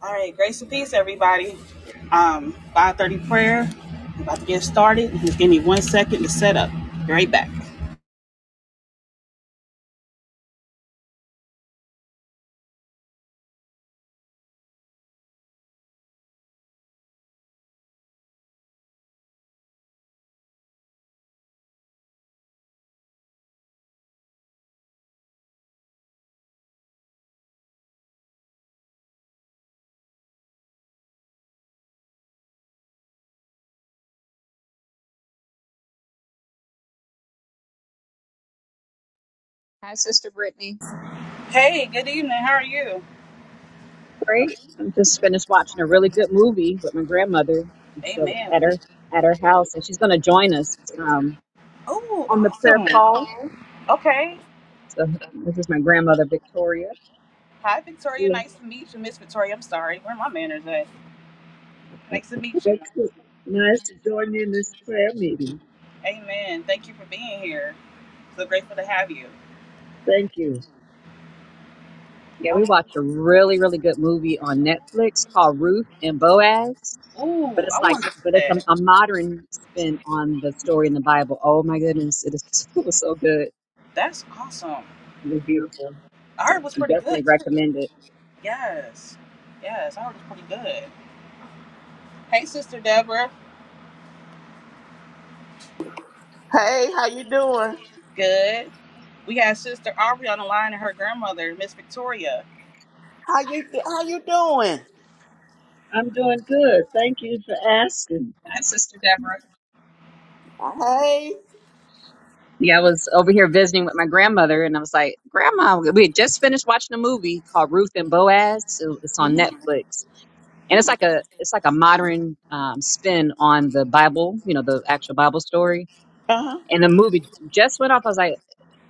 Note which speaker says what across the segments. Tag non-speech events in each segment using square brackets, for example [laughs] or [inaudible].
Speaker 1: All right, grace and peace, everybody. Um, 5:30 prayer. I'm about to get started. Just give me one second to set up. Be right back.
Speaker 2: Hi, Sister Brittany.
Speaker 1: Hey, good evening. How are you?
Speaker 2: Great. i just finished watching a really good movie with my grandmother. I'm still
Speaker 1: Amen.
Speaker 2: at her at her house, and she's going to join us um,
Speaker 1: Oh,
Speaker 2: on the prayer
Speaker 1: awesome.
Speaker 2: call.
Speaker 1: Okay.
Speaker 2: So this is my grandmother Victoria.
Speaker 1: Hi, Victoria.
Speaker 2: Well,
Speaker 1: Nice to meet you, Miss Victoria. I'm sorry. Where are my manners at? Nice to meet you.
Speaker 2: that's good. Nice to join you in this prayer meeting.
Speaker 1: Amen. Thank you for being here. So grateful to have you.
Speaker 2: Thank you. Yeah,
Speaker 1: I
Speaker 2: we
Speaker 1: want.
Speaker 2: watched a really really good movie on Netflix called Ruth and Boaz. But
Speaker 1: Ooh,
Speaker 2: it's
Speaker 1: I
Speaker 2: like,
Speaker 1: wanted to see
Speaker 2: but it's a,
Speaker 1: that.
Speaker 2: a modern spin on the story in the Bible. Oh my goodness, it, is, [laughs] it was so good.
Speaker 1: That's awesome.
Speaker 2: It was beautiful.
Speaker 1: I
Speaker 2: So
Speaker 1: heard it was
Speaker 2: I
Speaker 1: pretty good
Speaker 2: definitely
Speaker 1: too.
Speaker 2: recommend it.
Speaker 1: Yes. Yes, I heard it was pretty good. Hey, Sister Deborah.
Speaker 3: Hey, how you doing?
Speaker 1: Good. We got Sister Aubrey on the line and her grandmother, Miss Victoria.
Speaker 3: How you how you doing?
Speaker 2: I'm doing good. Thank you for asking. Hi, Sister Deborah.
Speaker 3: Hey.
Speaker 2: Yeah, I was over here visiting with my grandmother, and I was like, Grandma, we had just finished watching a movie called Ruth and Boaz. It- It's on
Speaker 3: hmm
Speaker 2: Netflix, and it's like a it's like a modern um, spin on the Bible, you know, the actual Bible story.
Speaker 3: Uh huh.
Speaker 2: And the movie just went off. I was like,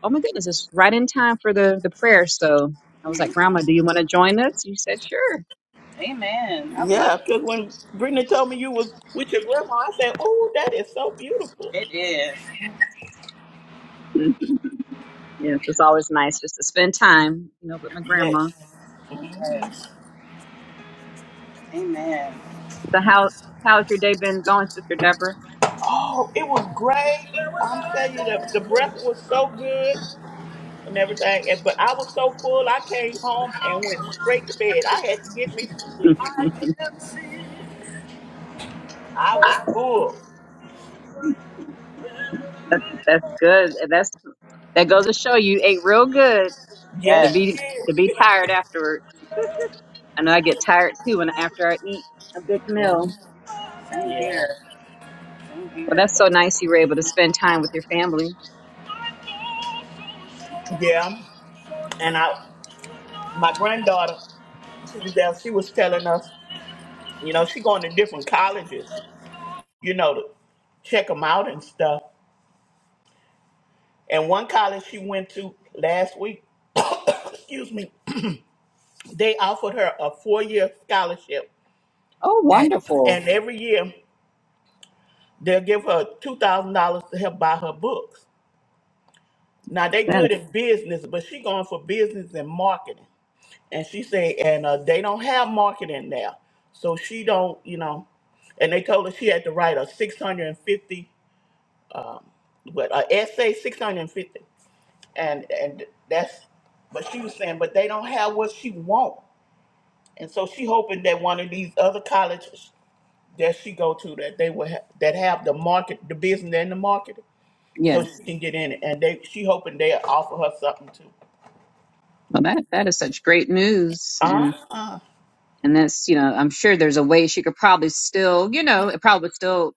Speaker 2: Oh my goodness, it's right in time for the the prayer. So I was
Speaker 1: hmm
Speaker 2: like, Grandma, do you want to join us? She said, Sure.
Speaker 1: Amen. I love
Speaker 3: Yeah,
Speaker 1: it.
Speaker 3: because when Brittany told me you was with your grandma, I said, "Oh, that is so beautiful."
Speaker 1: It is.
Speaker 2: [laughs] Yes, it's always nice just to spend time, you know, with my grandma.
Speaker 3: Yes. hmm
Speaker 1: Yes. Amen.
Speaker 2: So how how's your day been going, Sister Deborah?
Speaker 3: Oh, it was great. I'm telling you, the, the breath was so good and everything. And, but I was so full, I came home and went straight to bed. I had to get me some
Speaker 2: [laughs]
Speaker 3: sleep.
Speaker 2: that's,
Speaker 3: I was full.
Speaker 2: that's good. That's that goes to show you ate real good
Speaker 3: Yes,
Speaker 2: to be
Speaker 1: Yes.
Speaker 3: it
Speaker 2: to be tired afterwards. I know I get tired too when after I eat a big
Speaker 3: is.
Speaker 2: meal.
Speaker 3: Mhm.
Speaker 1: Same
Speaker 3: Yeah.
Speaker 1: here. Same
Speaker 2: Well,
Speaker 1: here.
Speaker 2: that's so nice you were able to spend time with your family.
Speaker 3: Yeah. And I, my granddaughter, she was there, she was telling us, you know, she going to different colleges, you know, to check them out and stuff. And one college she went to last week, excuse me, [clears throat] they offered her a four-year scholarship,
Speaker 2: Oh, wonderful!
Speaker 3: and every year they'll give her two thousand dollars to help buy her books. Now they
Speaker 2: That
Speaker 3: good in business, but she going for business and marketing, and she said, and uh, they don't have marketing now, so she don't, you know, and they told her she had to write a 650 but uh, essay six hundred and fifty, and and that's. But she was saying, but they don't have what she want, and so she hoping that one of these other colleges that she go to that they will ha- that have the market, the business and the marketing, so
Speaker 2: yes.
Speaker 3: she can get in it, and they she hoping they offer her something too.
Speaker 2: Well, that that is such great news,
Speaker 3: Uh
Speaker 2: and
Speaker 3: uh
Speaker 2: and that's you know I'm sure there's a way she could probably still you know it probably still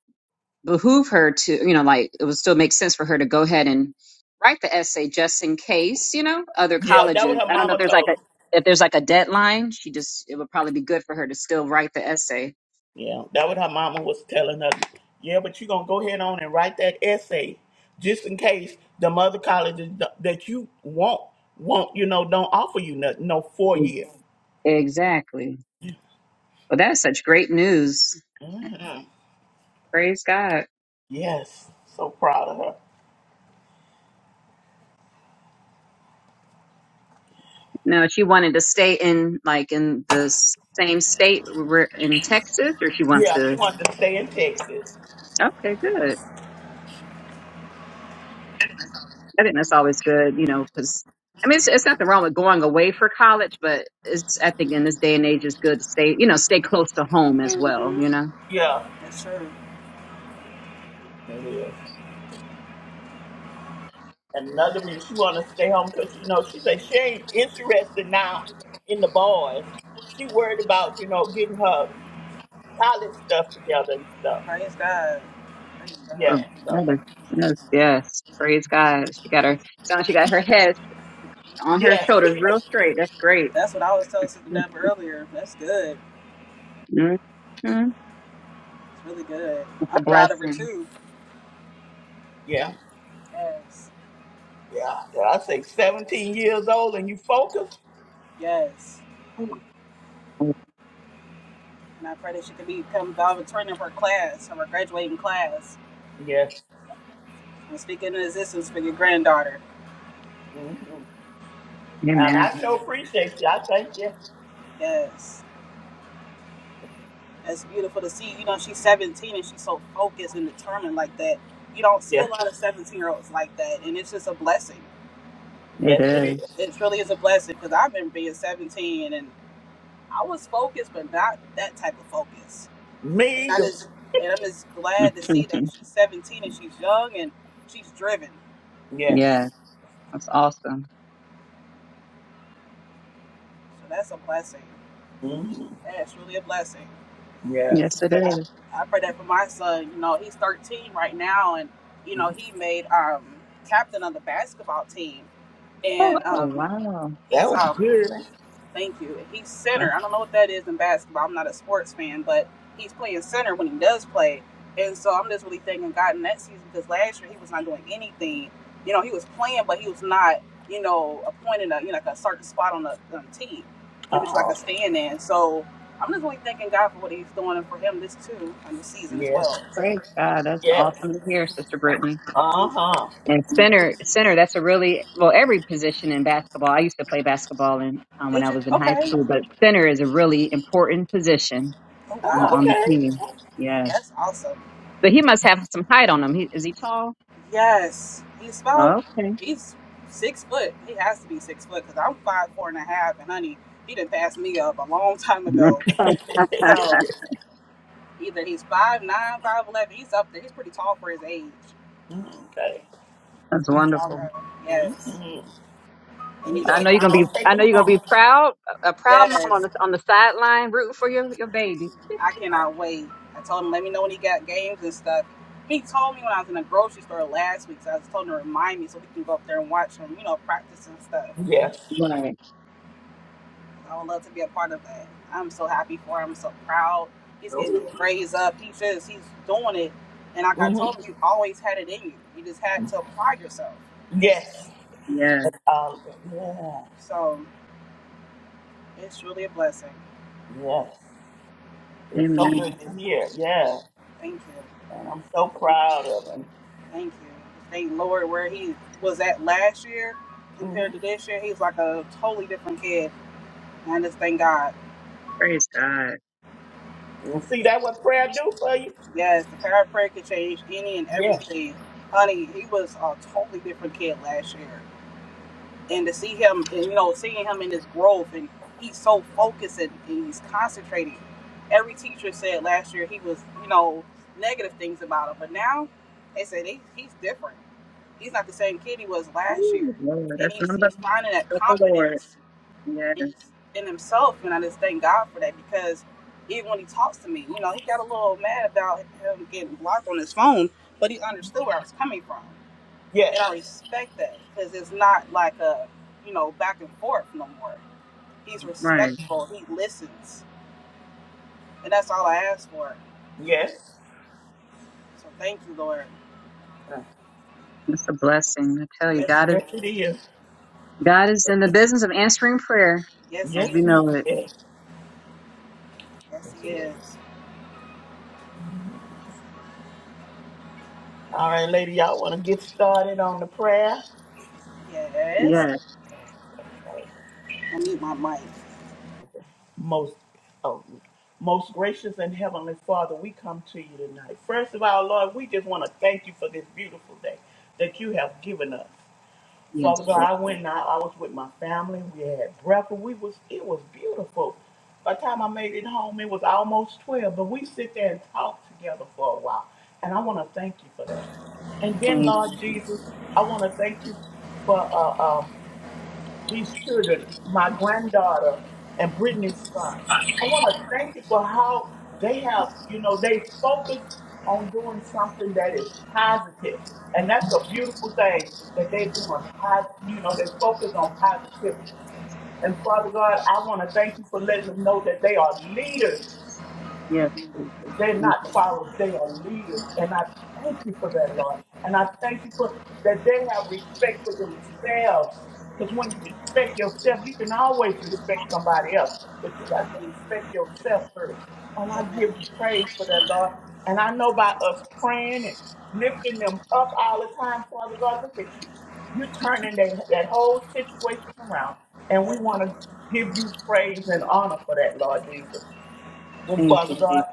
Speaker 2: behoove her to, you know, like it would still make sense for her to go ahead and write the essay just in case, you know, other
Speaker 3: Yeah, that what
Speaker 2: colleges.
Speaker 3: her
Speaker 2: I don't know if
Speaker 3: mama
Speaker 2: there's like
Speaker 3: told. her.
Speaker 2: a if there's like a deadline, she just it would probably be good for her to still write the essay.
Speaker 3: Yeah, that what her mama was telling her. Yeah, but you gonna go ahead on and write that essay, just in case the mother colleges th- that you want won't you know don't offer you nothing no four year.
Speaker 2: Exactly. Well, that's such great news. Praise God.
Speaker 3: Yes, so proud of her.
Speaker 2: Now, she wanted to stay in like in the s- same state we're in Texas, or she wants
Speaker 3: Yeah, she
Speaker 2: to.
Speaker 3: wanted to stay in Texas.
Speaker 2: Okay, good. I think that's always good, you know, because I mean, it's, it's nothing wrong with going away for college, but it's I think in this day and age, it's good to stay, you know, stay close to home as well,
Speaker 1: Mm-hmm.
Speaker 2: you know.
Speaker 3: Yeah,
Speaker 1: That's true.
Speaker 3: it is. And another reason she wanted to stay home because you know she said she ain't interested now in the boys. She worried about you know getting her college stuff together and stuff.
Speaker 1: Praise God. Praise
Speaker 2: Uh,
Speaker 3: Yeah,
Speaker 1: God.
Speaker 3: so
Speaker 2: Yes, yes, yes. praise God. She got her sounds. like She got her head on her
Speaker 3: yes,
Speaker 2: shoulders, real straight. That's great.
Speaker 1: That's what I was telling Sister Deborah earlier. That's good.
Speaker 2: Mm-hmm.
Speaker 1: It's really good.
Speaker 2: It's a
Speaker 1: I'm proud of her
Speaker 2: blessing.
Speaker 1: too.
Speaker 3: [laughs] yeah.
Speaker 1: Yes.
Speaker 3: Yeah, I think 17 years old and you focus.
Speaker 1: Yes. And I pray that she can become valedictorian of her class, of her graduating class,
Speaker 3: Yes.
Speaker 1: and speak into existence for your granddaughter.
Speaker 3: hmm And
Speaker 2: Amen.
Speaker 3: I so appreciate you. I thank you.
Speaker 1: Yes. That's beautiful to see. You know, she's 17 and she's so focused and determined like that. You don't see
Speaker 3: Yeah.
Speaker 1: a lot of 17 year olds like that. And it's just a blessing.
Speaker 2: It
Speaker 3: Yes,
Speaker 2: is.
Speaker 3: it is.
Speaker 1: It really is a blessing because I remember being 17 and I was focused, but not that type of focus. And
Speaker 3: Me
Speaker 1: I
Speaker 3: either.
Speaker 1: just, and I'm just glad to see that she's 17 and she's young and she's driven.
Speaker 2: [laughs]
Speaker 3: Yes.
Speaker 2: yes, that's awesome.
Speaker 1: So that's a blessing.
Speaker 3: hmm
Speaker 1: That's really a blessing.
Speaker 3: Yes.
Speaker 2: Yes, it is.
Speaker 1: I pray that for my son. You know, he's 13 right now, and you know he made um captain of the basketball team,
Speaker 2: Oh
Speaker 1: and um
Speaker 2: wow!
Speaker 3: That
Speaker 1: he's
Speaker 3: was
Speaker 1: um
Speaker 3: good.
Speaker 1: Thank you. He's
Speaker 3: huh?
Speaker 1: center. I don't know what that is in basketball. I'm not a sports fan, but he's playing center when he does play. And so I'm just really thanking God in that season because last year he was not doing anything. You know, he was playing, but he was not, you know, appointed a you know like a certain spot on the on team. He was like
Speaker 3: Oh,
Speaker 1: a stand in. So I'm just really thanking God for what he's doing and for him this too on the season as
Speaker 3: yes.
Speaker 1: well.
Speaker 2: Praise God. That's
Speaker 3: Yes.
Speaker 2: awesome to hear, Sister Brittany.
Speaker 3: Uh huh.
Speaker 2: And center, center, that's a really, well, every position in basketball. I used to play basketball in, um, when
Speaker 1: Did
Speaker 2: I
Speaker 1: you?
Speaker 2: was in high
Speaker 1: Okay.
Speaker 2: school, but center is a really important position
Speaker 1: Oh
Speaker 2: on the,
Speaker 1: wow,
Speaker 2: on the
Speaker 3: Oh,
Speaker 2: team. Yes.
Speaker 1: that's awesome.
Speaker 2: But he must have some height on him. He, is he tall?
Speaker 1: Yes, he's about
Speaker 2: Oh, okay.
Speaker 1: he's six foot. He has to be six foot because I'm five four and a half, and honey, he didn't pass me up a long time
Speaker 2: [laughs]
Speaker 1: ago.
Speaker 3: okay.
Speaker 1: So either he's five nine, five eleven. He's up there. He's pretty tall for his age.
Speaker 3: [laughs] okay.
Speaker 2: that's
Speaker 1: To be a tall
Speaker 2: wonderful.
Speaker 1: guy. Yes,
Speaker 3: Mm-hmm.
Speaker 1: and
Speaker 3: There you
Speaker 1: he's
Speaker 2: I
Speaker 3: go.
Speaker 2: know
Speaker 1: getting
Speaker 2: you're going to be,
Speaker 3: Down, take
Speaker 2: I know
Speaker 3: them
Speaker 2: you're going to be
Speaker 3: on.
Speaker 2: proud, a proud mom on
Speaker 1: yes.
Speaker 2: the, on the sideline rooting for your, your baby.
Speaker 1: I cannot wait. I told him let me know when he got games and stuff. He told me when I was in the grocery store last week, so I just told him to remind me so we can go up there and watch him. You know, practice and stuff.
Speaker 3: Yes.
Speaker 2: Right.
Speaker 1: I would love to be a part of that. I'm so happy for him. I'm so proud. He's getting his
Speaker 3: Mm
Speaker 1: grades up. He says he's doing it. And like I told
Speaker 3: hmm
Speaker 1: him, you always had it in you. You just had to apply yourself.
Speaker 3: Yes.
Speaker 2: Yes.
Speaker 3: Um, yeah.
Speaker 1: So it's really a blessing.
Speaker 3: Yes. It's so
Speaker 2: Amen.
Speaker 3: good to hear. Yes.
Speaker 1: Thank
Speaker 3: And I'm so
Speaker 1: you.
Speaker 3: proud of him.
Speaker 1: Thank you. Thank Lord where he was at last year
Speaker 3: hmm
Speaker 1: compared to this year. He's like a totally different kid. And I just thank God.
Speaker 2: Praise God.
Speaker 3: And see that what prayer do for you?
Speaker 1: Yes, the power of prayer could change any and
Speaker 3: Yes.
Speaker 1: everything. Honey, he was a totally different kid last year. and to see him and you know seeing him in his growth and he's so focused and, and he's concentrating every teacher said last year he was you know negative things about him but now they said they, he's different he's not the same kid he was last year
Speaker 2: Ooh, Lord,
Speaker 1: and
Speaker 2: that's the
Speaker 1: he's,
Speaker 2: number
Speaker 1: he's finding that
Speaker 2: of the Lord.
Speaker 1: confidence
Speaker 2: Yes.
Speaker 1: in in himself and i just thank god for that because even when he talks to me you know he got a little mad about him getting blocked on his phone but he understood where i was coming from
Speaker 3: Yes.
Speaker 1: and I respect that because it's not like a you know back and forth no more. He's
Speaker 2: Right.
Speaker 1: respectable. He listens, and that's all I ask for.
Speaker 3: Yes.
Speaker 1: So thank you, Lord.
Speaker 3: Uh,
Speaker 2: That's a blessing. I tell you,
Speaker 1: Yes, it
Speaker 2: God is
Speaker 3: Yes, it
Speaker 1: is.
Speaker 3: is.
Speaker 2: God is in the business of answering prayer,
Speaker 1: Yes,
Speaker 2: as
Speaker 1: he
Speaker 3: Yes,
Speaker 2: we
Speaker 1: is.
Speaker 3: he
Speaker 2: know it.
Speaker 3: is.
Speaker 1: Yes,
Speaker 3: Yes, it
Speaker 1: he
Speaker 3: is.
Speaker 1: is.
Speaker 3: All right, lady, y'all want to get started on the prayer?
Speaker 1: Yes.
Speaker 2: Yes,
Speaker 3: Yes, okay.
Speaker 1: I need my mic.
Speaker 3: Most, oh, most gracious and heavenly Father, we come to you tonight. First of all, Lord, we just want to thank you for this beautiful day that you have given us.
Speaker 2: yes,
Speaker 3: Father God,
Speaker 2: Lord.
Speaker 3: I went and I I was with my family. We had breakfast. We was it was beautiful. By the time I made it home, it was almost twelve. But we sit there and talk together for a while, and I want to thank you for that. And then,
Speaker 2: Thank you,
Speaker 3: Lord
Speaker 2: Jesus.
Speaker 3: Jesus, I want to thank you for uh, uh, these children, my granddaughter and Brittany's son. I want to thank you for how they have, you know, they focus on doing something that is positive. And that's a beautiful thing that they're doing. Pos- You know, they focus on positivity. And Father God, I want to thank you for letting them know that they are leaders
Speaker 2: Yes, Jesus.
Speaker 3: they're
Speaker 2: Thank
Speaker 3: not
Speaker 2: you.
Speaker 3: followers, they are leaders. And I thank you for that, Lord. And I thank you for that they have respect for themselves. Because when you respect yourself, you can always respect somebody else. But you got to respect yourself first. And I give you praise for that, Lord. And I know by us praying and lifting them up all the time, Father God, look at you. You're turning that, that whole situation around. And we want to give you praise and honor for that, Lord Jesus. And
Speaker 2: Thank
Speaker 3: Father
Speaker 2: you, Jesus.
Speaker 3: God,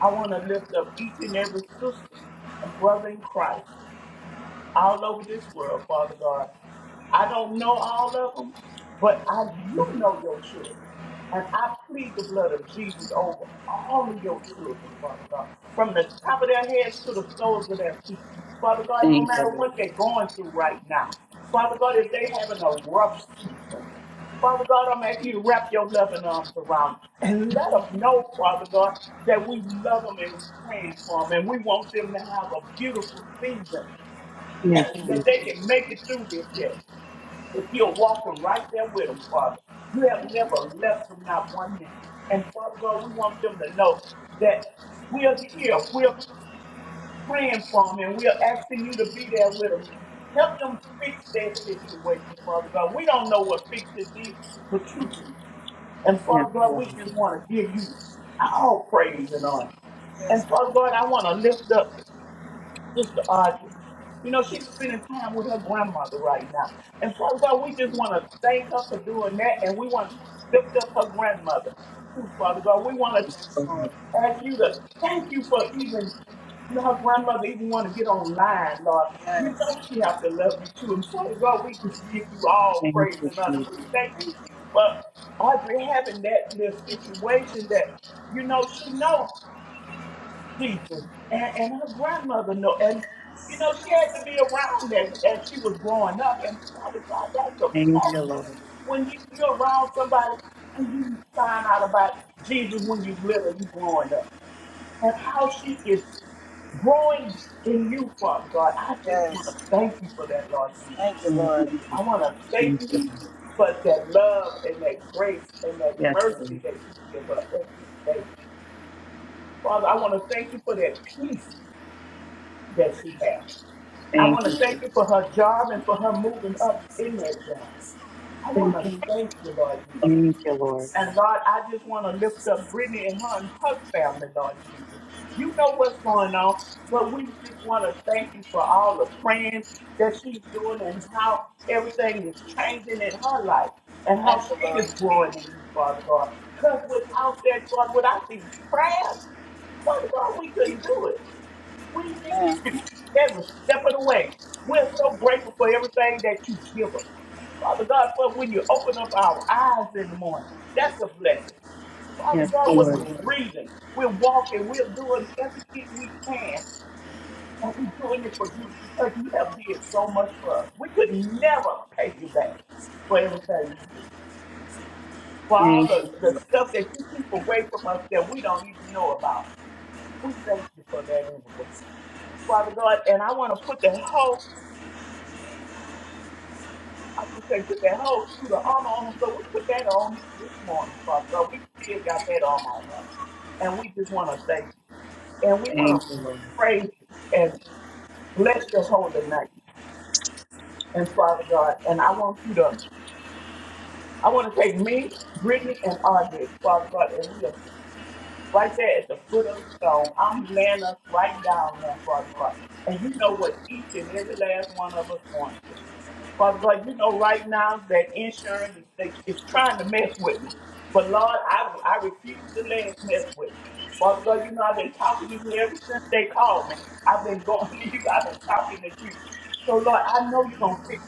Speaker 3: I want to lift up each and every sister and brother in Christ all over this world, Father God. I don't know all of them, but I do know your children. And I plead the blood of Jesus over all of your children, Father God, from the top of their heads to the soles of their feet. Father God, no
Speaker 2: Thank you,
Speaker 3: matter
Speaker 2: Lord.
Speaker 3: what they're going through right now, Father God, if they're having a rough season, Father God, I'm asking you to wrap your loving arms around them and let them know, Father God, that we love them and we're praying for them and we want them to have a beautiful season
Speaker 2: Yes,
Speaker 3: so
Speaker 2: Jesus.
Speaker 3: that they can make it through this here. If you're walking right there with them, Father, you have never left them not one minute. And Father God, we want them to know that we're here, we're praying for them, and we're asking you to be there with them. Help them fix their situation, Father God. We don't know what fix it means, but you do. And
Speaker 2: Yes,
Speaker 3: Father God,
Speaker 2: Lord.
Speaker 3: we just want to give you all praise and honor. And
Speaker 1: Yes, Father.
Speaker 3: Father God, I want to lift up Sister Audrey, You know, she's spending time with her grandmother right now. And Father God, we just want to thank her for doing that, and we want to lift up her grandmother. Too, Father God, we want to
Speaker 1: Yes,
Speaker 2: Lord.
Speaker 1: Lord.
Speaker 3: ask you to thank you for even, you know, her grandmother even want to get online, Lord. You
Speaker 1: Yes.
Speaker 3: know she have to love you too. And Father God, we just give you all
Speaker 2: Thank
Speaker 3: praise
Speaker 2: you,
Speaker 3: and honor.
Speaker 2: Jesus.
Speaker 3: We thank you
Speaker 1: Thank you.
Speaker 3: for Audrey having that little situation that, you know, she knows. Jesus. And, and her grandmother know, and you know she had to be around that as she was growing up. And Father God, that's
Speaker 2: Thank
Speaker 3: a
Speaker 2: you,
Speaker 3: blessing
Speaker 2: Lord.
Speaker 3: when you, you're around somebody and you find out about Jesus when you little, you growing up, and how she is growing in you, Father God. I just want to
Speaker 1: Yes.
Speaker 3: thank you for that, Lord Jesus.
Speaker 1: Thank you,
Speaker 2: Thank you,
Speaker 1: Lord.
Speaker 2: Jesus.
Speaker 3: I want to
Speaker 2: Thank
Speaker 3: thank
Speaker 2: you,
Speaker 3: you
Speaker 2: Lord.
Speaker 3: for that love and that grace and that
Speaker 2: Yes,
Speaker 3: mercy
Speaker 2: Lord.
Speaker 3: that you give her every day. Father, I want to thank you for that peace that she has. I
Speaker 2: Thank
Speaker 3: want to
Speaker 2: you,
Speaker 3: thank
Speaker 2: Jesus.
Speaker 3: you for her job and for her moving up in that job. I
Speaker 2: Thank
Speaker 3: want to
Speaker 2: you.
Speaker 3: thank you, Lord Jesus.
Speaker 2: Thank you, Lord.
Speaker 3: And Lord, I just want to lift up Brittany and her and her family, Lord Jesus. You know what's going on, but we just want to thank you for all the praying that she's doing and how everything is changing in her life and how
Speaker 1: Thank you,
Speaker 3: she is
Speaker 1: Lord.
Speaker 3: growing in you, Father God. Because without that, God, without these prayers, Father God, we couldn't do it. We need
Speaker 1: Man.
Speaker 3: you every step of the way. We're so grateful for everything that you give us. Father God, for when you open up our eyes in the morning, that's a blessing. Father
Speaker 2: Yes,
Speaker 3: God, when
Speaker 2: Lord.
Speaker 3: we're breathing, we're walking, we're doing everything we can, and we're doing it for you because you have did so much for us. We could never pay you back for everything you do. For all
Speaker 2: Thank you,
Speaker 3: the,
Speaker 2: Jesus.
Speaker 3: the stuff that you keep away from us that we don't even know about. We thank you for that anyway. Father God, and I want to put that whole, I can say, put that whole suit of armor on us, So we put that on this morning, Father God. We still got that armor on us. And we just want to thank you. And we want
Speaker 2: Thank you,
Speaker 3: to
Speaker 2: Lord.
Speaker 3: praise you and bless your holy name. And Father God, and I want you to, I want to take me, Brittany, and Audrey, Father God, and we are right there at the foot of the stone. I'm laying us right down there, Father God. And you know what each and every last one of us wants. Father God, you know right now that insurance is, they- is trying to mess with me. But Lord, I, I refuse to let it mess with me. Father God, you know I've been talking to you ever since they called me. I've been going [laughs] to you. I've been talking to you. So Lord, I know you're going to fix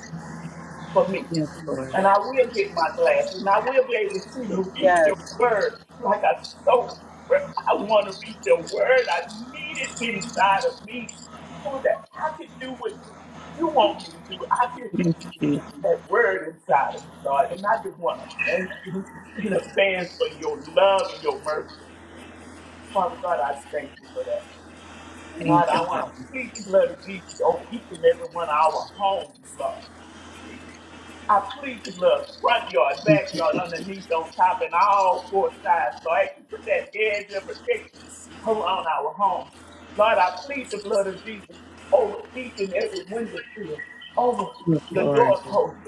Speaker 3: for me.
Speaker 2: Yes, Lord.
Speaker 3: And I will get my glasses, and I will be able to see to read your
Speaker 1: Yes.
Speaker 3: word like I so well, I want to read your word. I need it inside of me so that I can do what you want me to do. I can
Speaker 2: Yes, Jesus.
Speaker 3: put that word inside of me, Lord. And I just want to thank you in advance for your love and your mercy. Father God, I thank you for that. And
Speaker 2: Thank
Speaker 3: Lord, I
Speaker 2: you,
Speaker 3: want
Speaker 2: Father.
Speaker 3: to plead the blood of Jesus on each and every one of our homes, Lord. I plead the blood, front yard,
Speaker 2: Yes,
Speaker 3: backyard,
Speaker 2: Jesus.
Speaker 3: underneath, on top, and all four sides. Lord, I ask you to put that edge of protection around our home. Lord, I plead the blood of Jesus over each and every window sill, over
Speaker 2: Yes,
Speaker 3: the
Speaker 2: Lord.
Speaker 3: doorpost.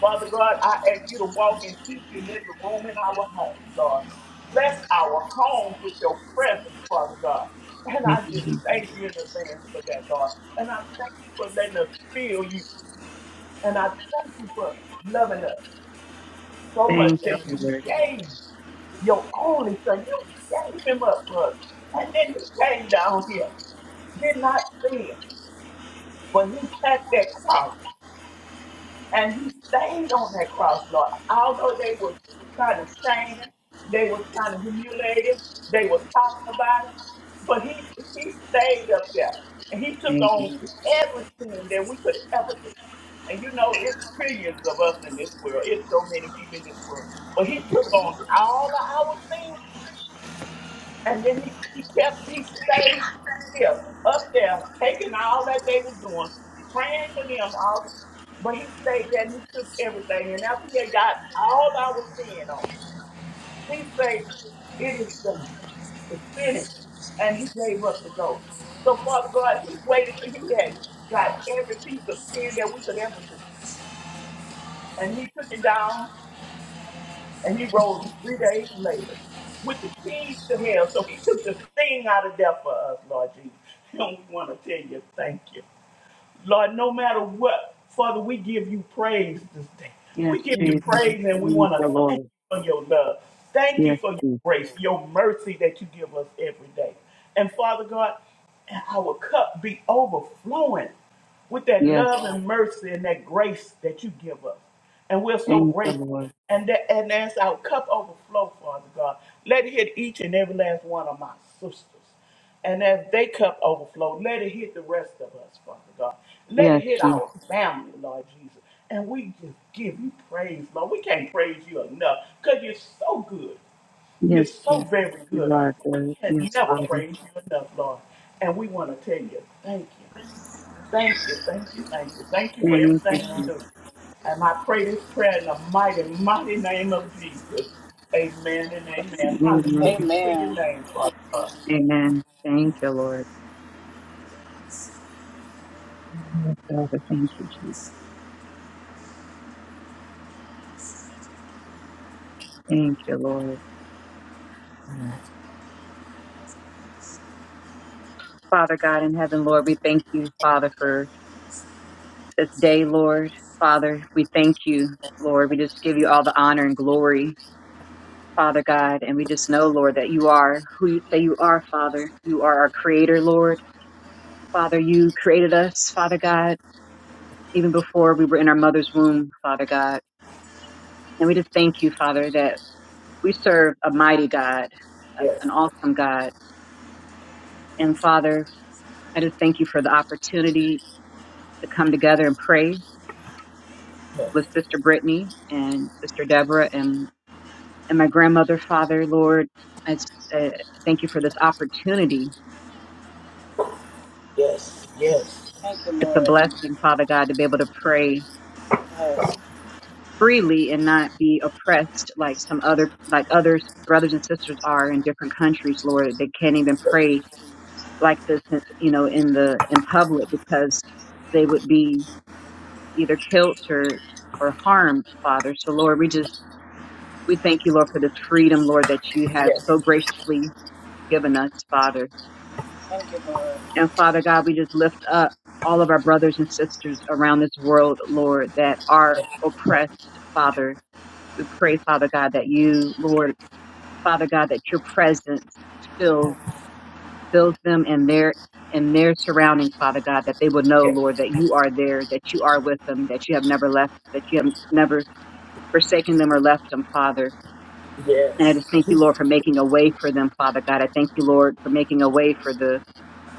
Speaker 3: Father God, I ask you to walk in each and every room in our home, Lord. Bless our homes with your presence, Father God. And
Speaker 2: Yes,
Speaker 3: I just
Speaker 2: Jesus.
Speaker 3: thank you in advance for that, Lord. And I thank you for letting us feel you. And I thank you for loving us so much
Speaker 2: Thank you,
Speaker 3: that you
Speaker 2: Lord.
Speaker 3: gave your only son. You gave him up for us. And then he came down here. Did not sin, but he took that cross. And he stayed on that cross, Lord. Although they were trying to shame him, they were trying to humiliate him, they were talking about him, but he he stayed up there and he took
Speaker 2: Thank you,
Speaker 3: on
Speaker 2: Jesus.
Speaker 3: every sin that we could ever do. And you know, it's trillions of us in this world. It's so many people in this world. But he took on all of our sins and then he, [laughs] he kept, he stayed here, up there, taking all that they were doing, praying for them all. But he stayed there and he took everything. And after he got all our sin on, he said, It is done. It's finished. And he gave up the ghost. So, Father God, he waited till he had got every piece of sin that we could ever do. And he took it down and he rose three days later with the keys to hell. So he took the sting out of death for us, Lord Jesus. [laughs] And we want to tell you thank you. Lord, no matter what, Father, we give you praise this day.
Speaker 2: Yes,
Speaker 3: We give you
Speaker 2: Jesus.
Speaker 3: praise and we
Speaker 2: Thank
Speaker 3: want
Speaker 2: you,
Speaker 3: to thank
Speaker 2: Lord.
Speaker 3: you for your love. Thank you
Speaker 2: Yes,
Speaker 3: for your
Speaker 2: Jesus.
Speaker 3: grace, your mercy that you give us every day. And Father God, and our cup be overflowing with that
Speaker 2: Yes,
Speaker 3: love and mercy and that grace that you give us. And we're so
Speaker 2: thank you,
Speaker 3: grateful.
Speaker 2: Lord.
Speaker 3: And that and as our cup overflow, Father God, let it hit each and every last one of my sisters. And as they cup overflow, let it hit the rest of us, Father God. Let it
Speaker 2: Yes,
Speaker 3: hit
Speaker 2: Jesus.
Speaker 3: our family, Lord Jesus. And we just give you praise, Lord. We can't praise you enough because you're so good. You're
Speaker 2: Yes,
Speaker 3: so
Speaker 2: Jesus.
Speaker 3: very
Speaker 2: You
Speaker 3: good.
Speaker 2: are
Speaker 3: We
Speaker 2: good.
Speaker 3: can
Speaker 2: Yes,
Speaker 3: never
Speaker 2: Father.
Speaker 3: praise you enough, Lord. And we want to tell you, thank you. Thank you, thank you, thank you. Thank you for
Speaker 2: Thank you,
Speaker 3: everything you
Speaker 2: Jesus.
Speaker 3: do. And I pray this prayer in the mighty, mighty name of Jesus. Amen and amen.
Speaker 2: Amen.
Speaker 3: Hallelujah to your
Speaker 1: Amen.
Speaker 3: name, Father God.
Speaker 2: Amen. Thank you, Lord. Yes, Father. Thank you, Jesus. Thank you, Lord. Father God in heaven, Lord, we thank you, Father, for this day, Lord. Father, we thank you, Lord. We just give you all the honor and glory. Father God, and we just know, Lord, that you are who you, that you are, Father. You are our creator, Lord. Father, you created us, Father God, even before we were in our mother's womb, Father God. And we just thank you, Father, that we serve a mighty God, a- an
Speaker 3: Yes,
Speaker 2: awesome God. And Father, I just thank you for the opportunity to come together and pray
Speaker 3: yes,
Speaker 2: with Sister Brittany and Sister Deborah and, and my grandmother, Father, Lord. I just, uh, thank you for this opportunity
Speaker 3: yes,
Speaker 1: Thank you,
Speaker 2: It's a
Speaker 1: Lord.
Speaker 2: blessing, Father God, to be able to pray
Speaker 1: Yes.
Speaker 2: freely and not be oppressed like some other, like others, brothers and sisters are in different countries, Lord. They can't even pray like this, you know, in the, in public because they would be either killed or, or harmed, Father. So Lord, we just, we thank you, Lord, for this freedom, Lord, that you have
Speaker 3: yes,
Speaker 2: so graciously given us, Father.
Speaker 1: Thank you, Lord.
Speaker 2: And Father God, we just lift up all of our brothers and sisters around this world, Lord, that are oppressed, Father. We pray, Father God, that you, Lord, Father God, that your presence fills fills them and their and their surroundings, Father God, that they will know,
Speaker 3: yes,
Speaker 2: Lord, that you are there, that you are with them, that you have never left, that you have never forsaken them or left them, Father. And I
Speaker 3: yes,
Speaker 2: just thank you, Lord, for making a way for them, Father God. I thank you, Lord, for making a way for the,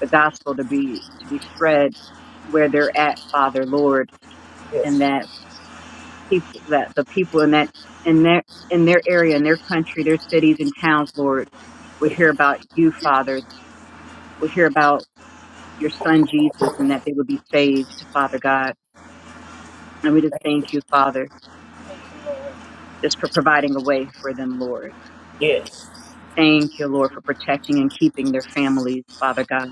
Speaker 2: the gospel to be to be spread where they're at, Father, Lord,
Speaker 3: yes,
Speaker 2: and
Speaker 3: yes,
Speaker 2: that people that the people in that in their in their area, in their country, their cities and towns, Lord, would hear about you, Father, would hear about your son Jesus and that they would be saved, Father God. And we just thank you, Father,
Speaker 1: Thank you, Lord.
Speaker 2: just for providing a way for them, Lord.
Speaker 3: yes,
Speaker 2: Thank you, Lord, for protecting and keeping their families, Father God.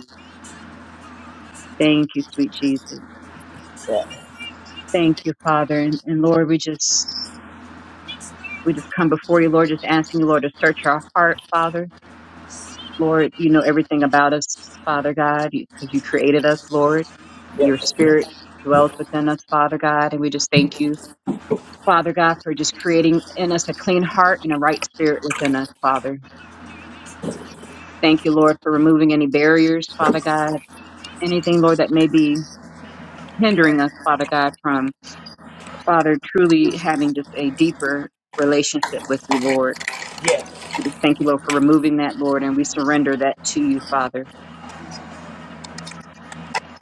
Speaker 2: Thank you, sweet Jesus.
Speaker 3: yeah,
Speaker 2: Thank you, Father. And, and Lord, we just we just come before you, Lord, just asking you, Lord, to search our heart, Father Lord, you know everything about us, Father God, because you created us, Lord. Your
Speaker 3: yes,
Speaker 2: spirit dwells within us, Father God, and we just thank you, Father God, for just creating in us a clean heart and a right spirit within us, Father. Thank you, Lord, for removing any barriers, Father God, anything, Lord, that may be hindering us, Father God, from, Father, truly having just a deeper relationship with you, Lord.
Speaker 3: yes,
Speaker 2: We just thank you, Lord, for removing that, Lord, and we surrender that to you, Father.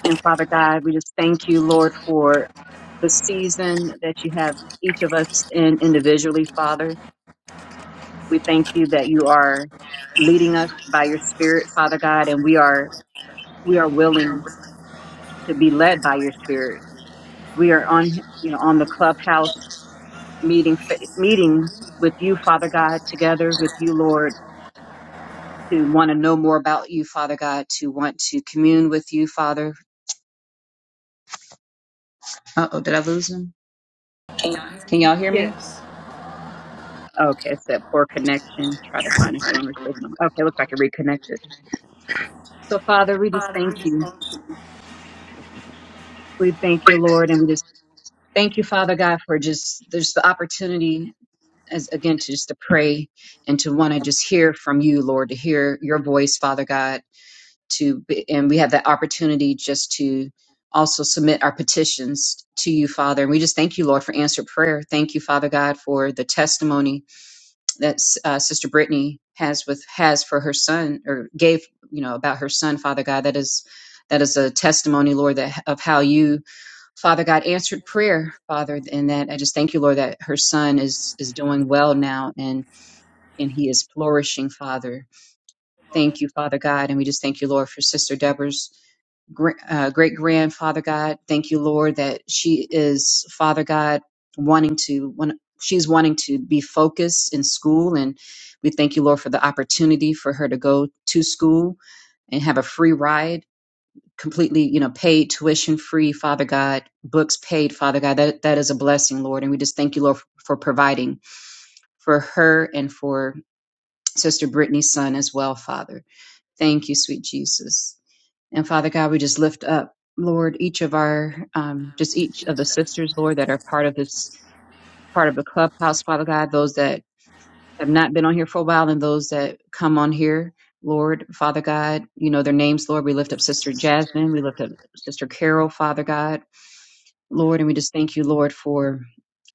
Speaker 2: And Father God, we just thank you, Lord, for the season that you have each of us in individually, Father. We thank you that you are leading us by your spirit, Father God, and we are we are willing to be led by your spirit. We are on you know on the clubhouse meeting meeting with you, Father God, together with you, Lord, to want to know more about you, Father God, to want to commune with you, Father. Uh oh, did I lose him? Can y'all hear me?
Speaker 1: Yes.
Speaker 2: Okay, it's that poor connection. Try to find a stronger signal. Okay, looks like it reconnected. So, Father, we just
Speaker 1: Father, we
Speaker 2: thank
Speaker 1: just
Speaker 2: you.
Speaker 1: thank you
Speaker 2: We thank you, Lord, and we just thank you, Father God, for just there's the opportunity as again to just to pray and to want to just hear from you, Lord, to hear your voice, Father God. To be, and we have that opportunity just to also submit our petitions to you, Father. And we just thank you, Lord, for answered prayer. Thank you, Father God, for the testimony that uh, Sister Brittany has with has for her son, or gave you know about her son, Father God. That is that is a testimony, Lord, that of how you, Father God, answered prayer, Father, and that I just thank you, Lord, that her son is is doing well now and and he is flourishing, Father. Thank you, Father God, and we just thank you, Lord, for Sister Deborah's uh, great grandfather God. Thank you, Lord, that she is Father God wanting to when she's wanting to be focused in school, and we thank you, Lord, for the opportunity for her to go to school and have a free ride, completely, you know, paid tuition free, Father God, books paid, Father God. That that is a blessing, Lord, and we just thank you, Lord, for providing for her and for Sister Brittany's son as well, Father. Thank you, sweet Jesus. And Father God, we just lift up, Lord, each of our, um, just each
Speaker 1: for
Speaker 2: of
Speaker 1: each
Speaker 2: the
Speaker 1: of us,
Speaker 2: sisters, Lord, that are part of this, part of the clubhouse, Father God, those that have not been on here for a while and those that come on here, Lord, Father God, you know their names, Lord. We lift up Sister
Speaker 1: your
Speaker 2: Jasmine. We lift up Sister Carol, Father God, Lord. And we just thank you, Lord, for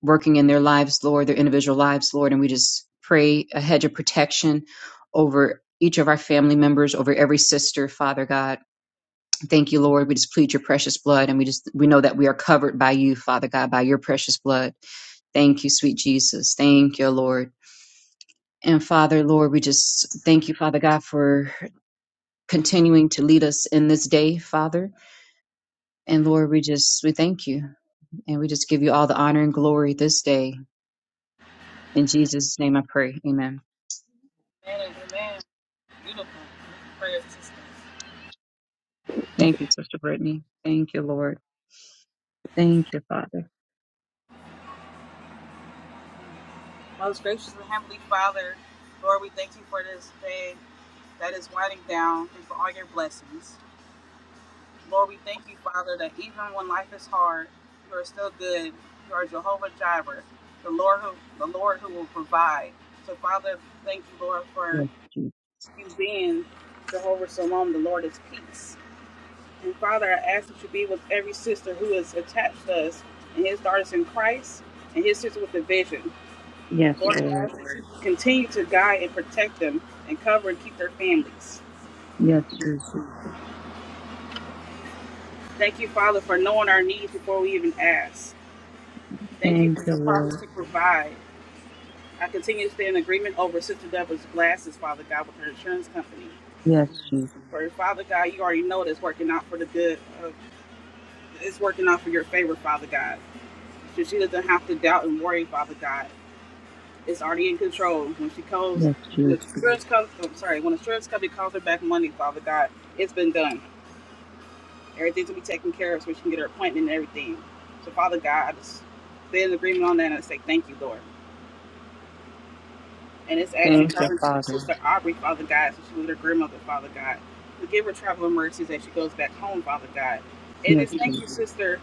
Speaker 2: working in their lives, Lord, their individual lives, Lord. And we just pray a hedge of protection over each of our family members, over every sister, Father God. Thank you, Lord. We just plead your precious blood and we just we know that we are covered by you, Father God, by your precious blood. Thank you, sweet Jesus. Thank you, Lord. And Father, Lord, we just thank you, Father God, for continuing to lead us in this day, Father. And Lord, we just we thank you and we just give you all the honor and glory this day. In Jesus' name I pray. Amen.
Speaker 1: Amen, amen. Beautiful prayer, system.
Speaker 2: Thank you, Sister Brittany. Thank you, Lord. Thank you, Father.
Speaker 1: Most gracious and heavenly Father, Lord, we thank you for this day that is winding down and for all your blessings. Lord, we thank you, Father, that even when life is hard, you are still good. You are Jehovah Jireh, the Lord who the Lord who will provide. So, Father, thank you, Lord, for
Speaker 2: Yes, Jesus.
Speaker 1: you being Jehovah Shalom, the Lord is peace. And Father, I ask that you be with every sister who is attached to us and his daughters in Christ and his sister with the vision.
Speaker 2: Yes,
Speaker 1: Lord, I
Speaker 2: Lord.
Speaker 1: ask that you continue to guide and protect them and cover and keep their families.
Speaker 2: Yes, Jesus.
Speaker 1: Thank you, Father, for knowing our needs before we even ask. Thank you
Speaker 2: Thank
Speaker 1: for
Speaker 2: you,
Speaker 1: your promise
Speaker 2: Lord.
Speaker 1: to provide. I continue to stay in agreement over Sister Deborah's glasses, Father God, with her insurance company.
Speaker 2: Yes, Jesus.
Speaker 1: For Father God, you already know that's working out for the good. Of, it's working out for your favor, Father God. So she doesn't have to doubt and worry, Father God. is already in control. When she calls,
Speaker 2: Yes, Jesus.
Speaker 1: when the insurance comes, I'm sorry, when the insurance company calls her back money, Father God, it's been done. Everything's gonna be taken care of so she can get her appointment and everything. So, Father God, I just stay in agreement on that and I say thank you, Lord. And it's actually
Speaker 2: Thank you,
Speaker 1: covering
Speaker 2: Father.
Speaker 1: Sister Aubrey, Father God, so she was her grandmother, Father God. to give her traveling mercies as she goes back home, Father God. And
Speaker 2: Yes,
Speaker 1: it's thank
Speaker 2: Jesus.
Speaker 1: you, Sister,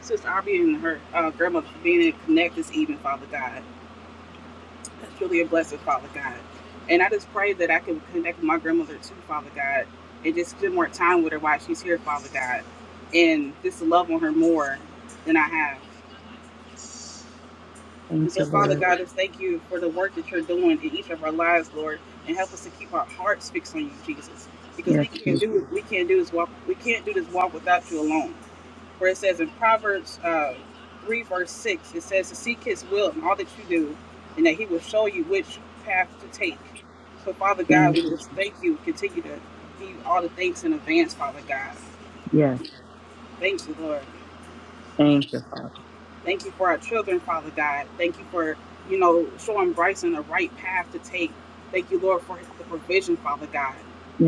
Speaker 1: Sister Aubrey and her uh, grandmother for being in Connect this evening, Father God. That's truly a blessing, Father God. And I just pray that I can connect with my grandmother too, Father God, and just spend more time with her while she's here, Father God, and just love on her more than I have.
Speaker 2: Thank
Speaker 1: And so,
Speaker 2: you,
Speaker 1: Father
Speaker 2: Lord.
Speaker 1: God, just thank you for the work that you're doing in each of our lives, Lord, and help us to keep our hearts fixed on you, Jesus, because
Speaker 2: Yes,
Speaker 1: we can't
Speaker 2: Jesus.
Speaker 1: do we can't do this walk we can't do this walk without you alone where it says in Proverbs uh, 3, verse 6, it says to seek his will in all that you do, and that he will show you which path to take. So, Father God,
Speaker 2: Thank
Speaker 1: we
Speaker 2: you,
Speaker 1: just
Speaker 2: Jesus.
Speaker 1: thank you. Continue to give all the thanks in advance, Father God.
Speaker 2: Yes.
Speaker 1: Thank you, Lord.
Speaker 2: Thank you, Father.
Speaker 1: Thank you for our children, Father God. Thank you for, you know, showing Bryson the right path to take. Thank you, Lord, for the provision, Father God.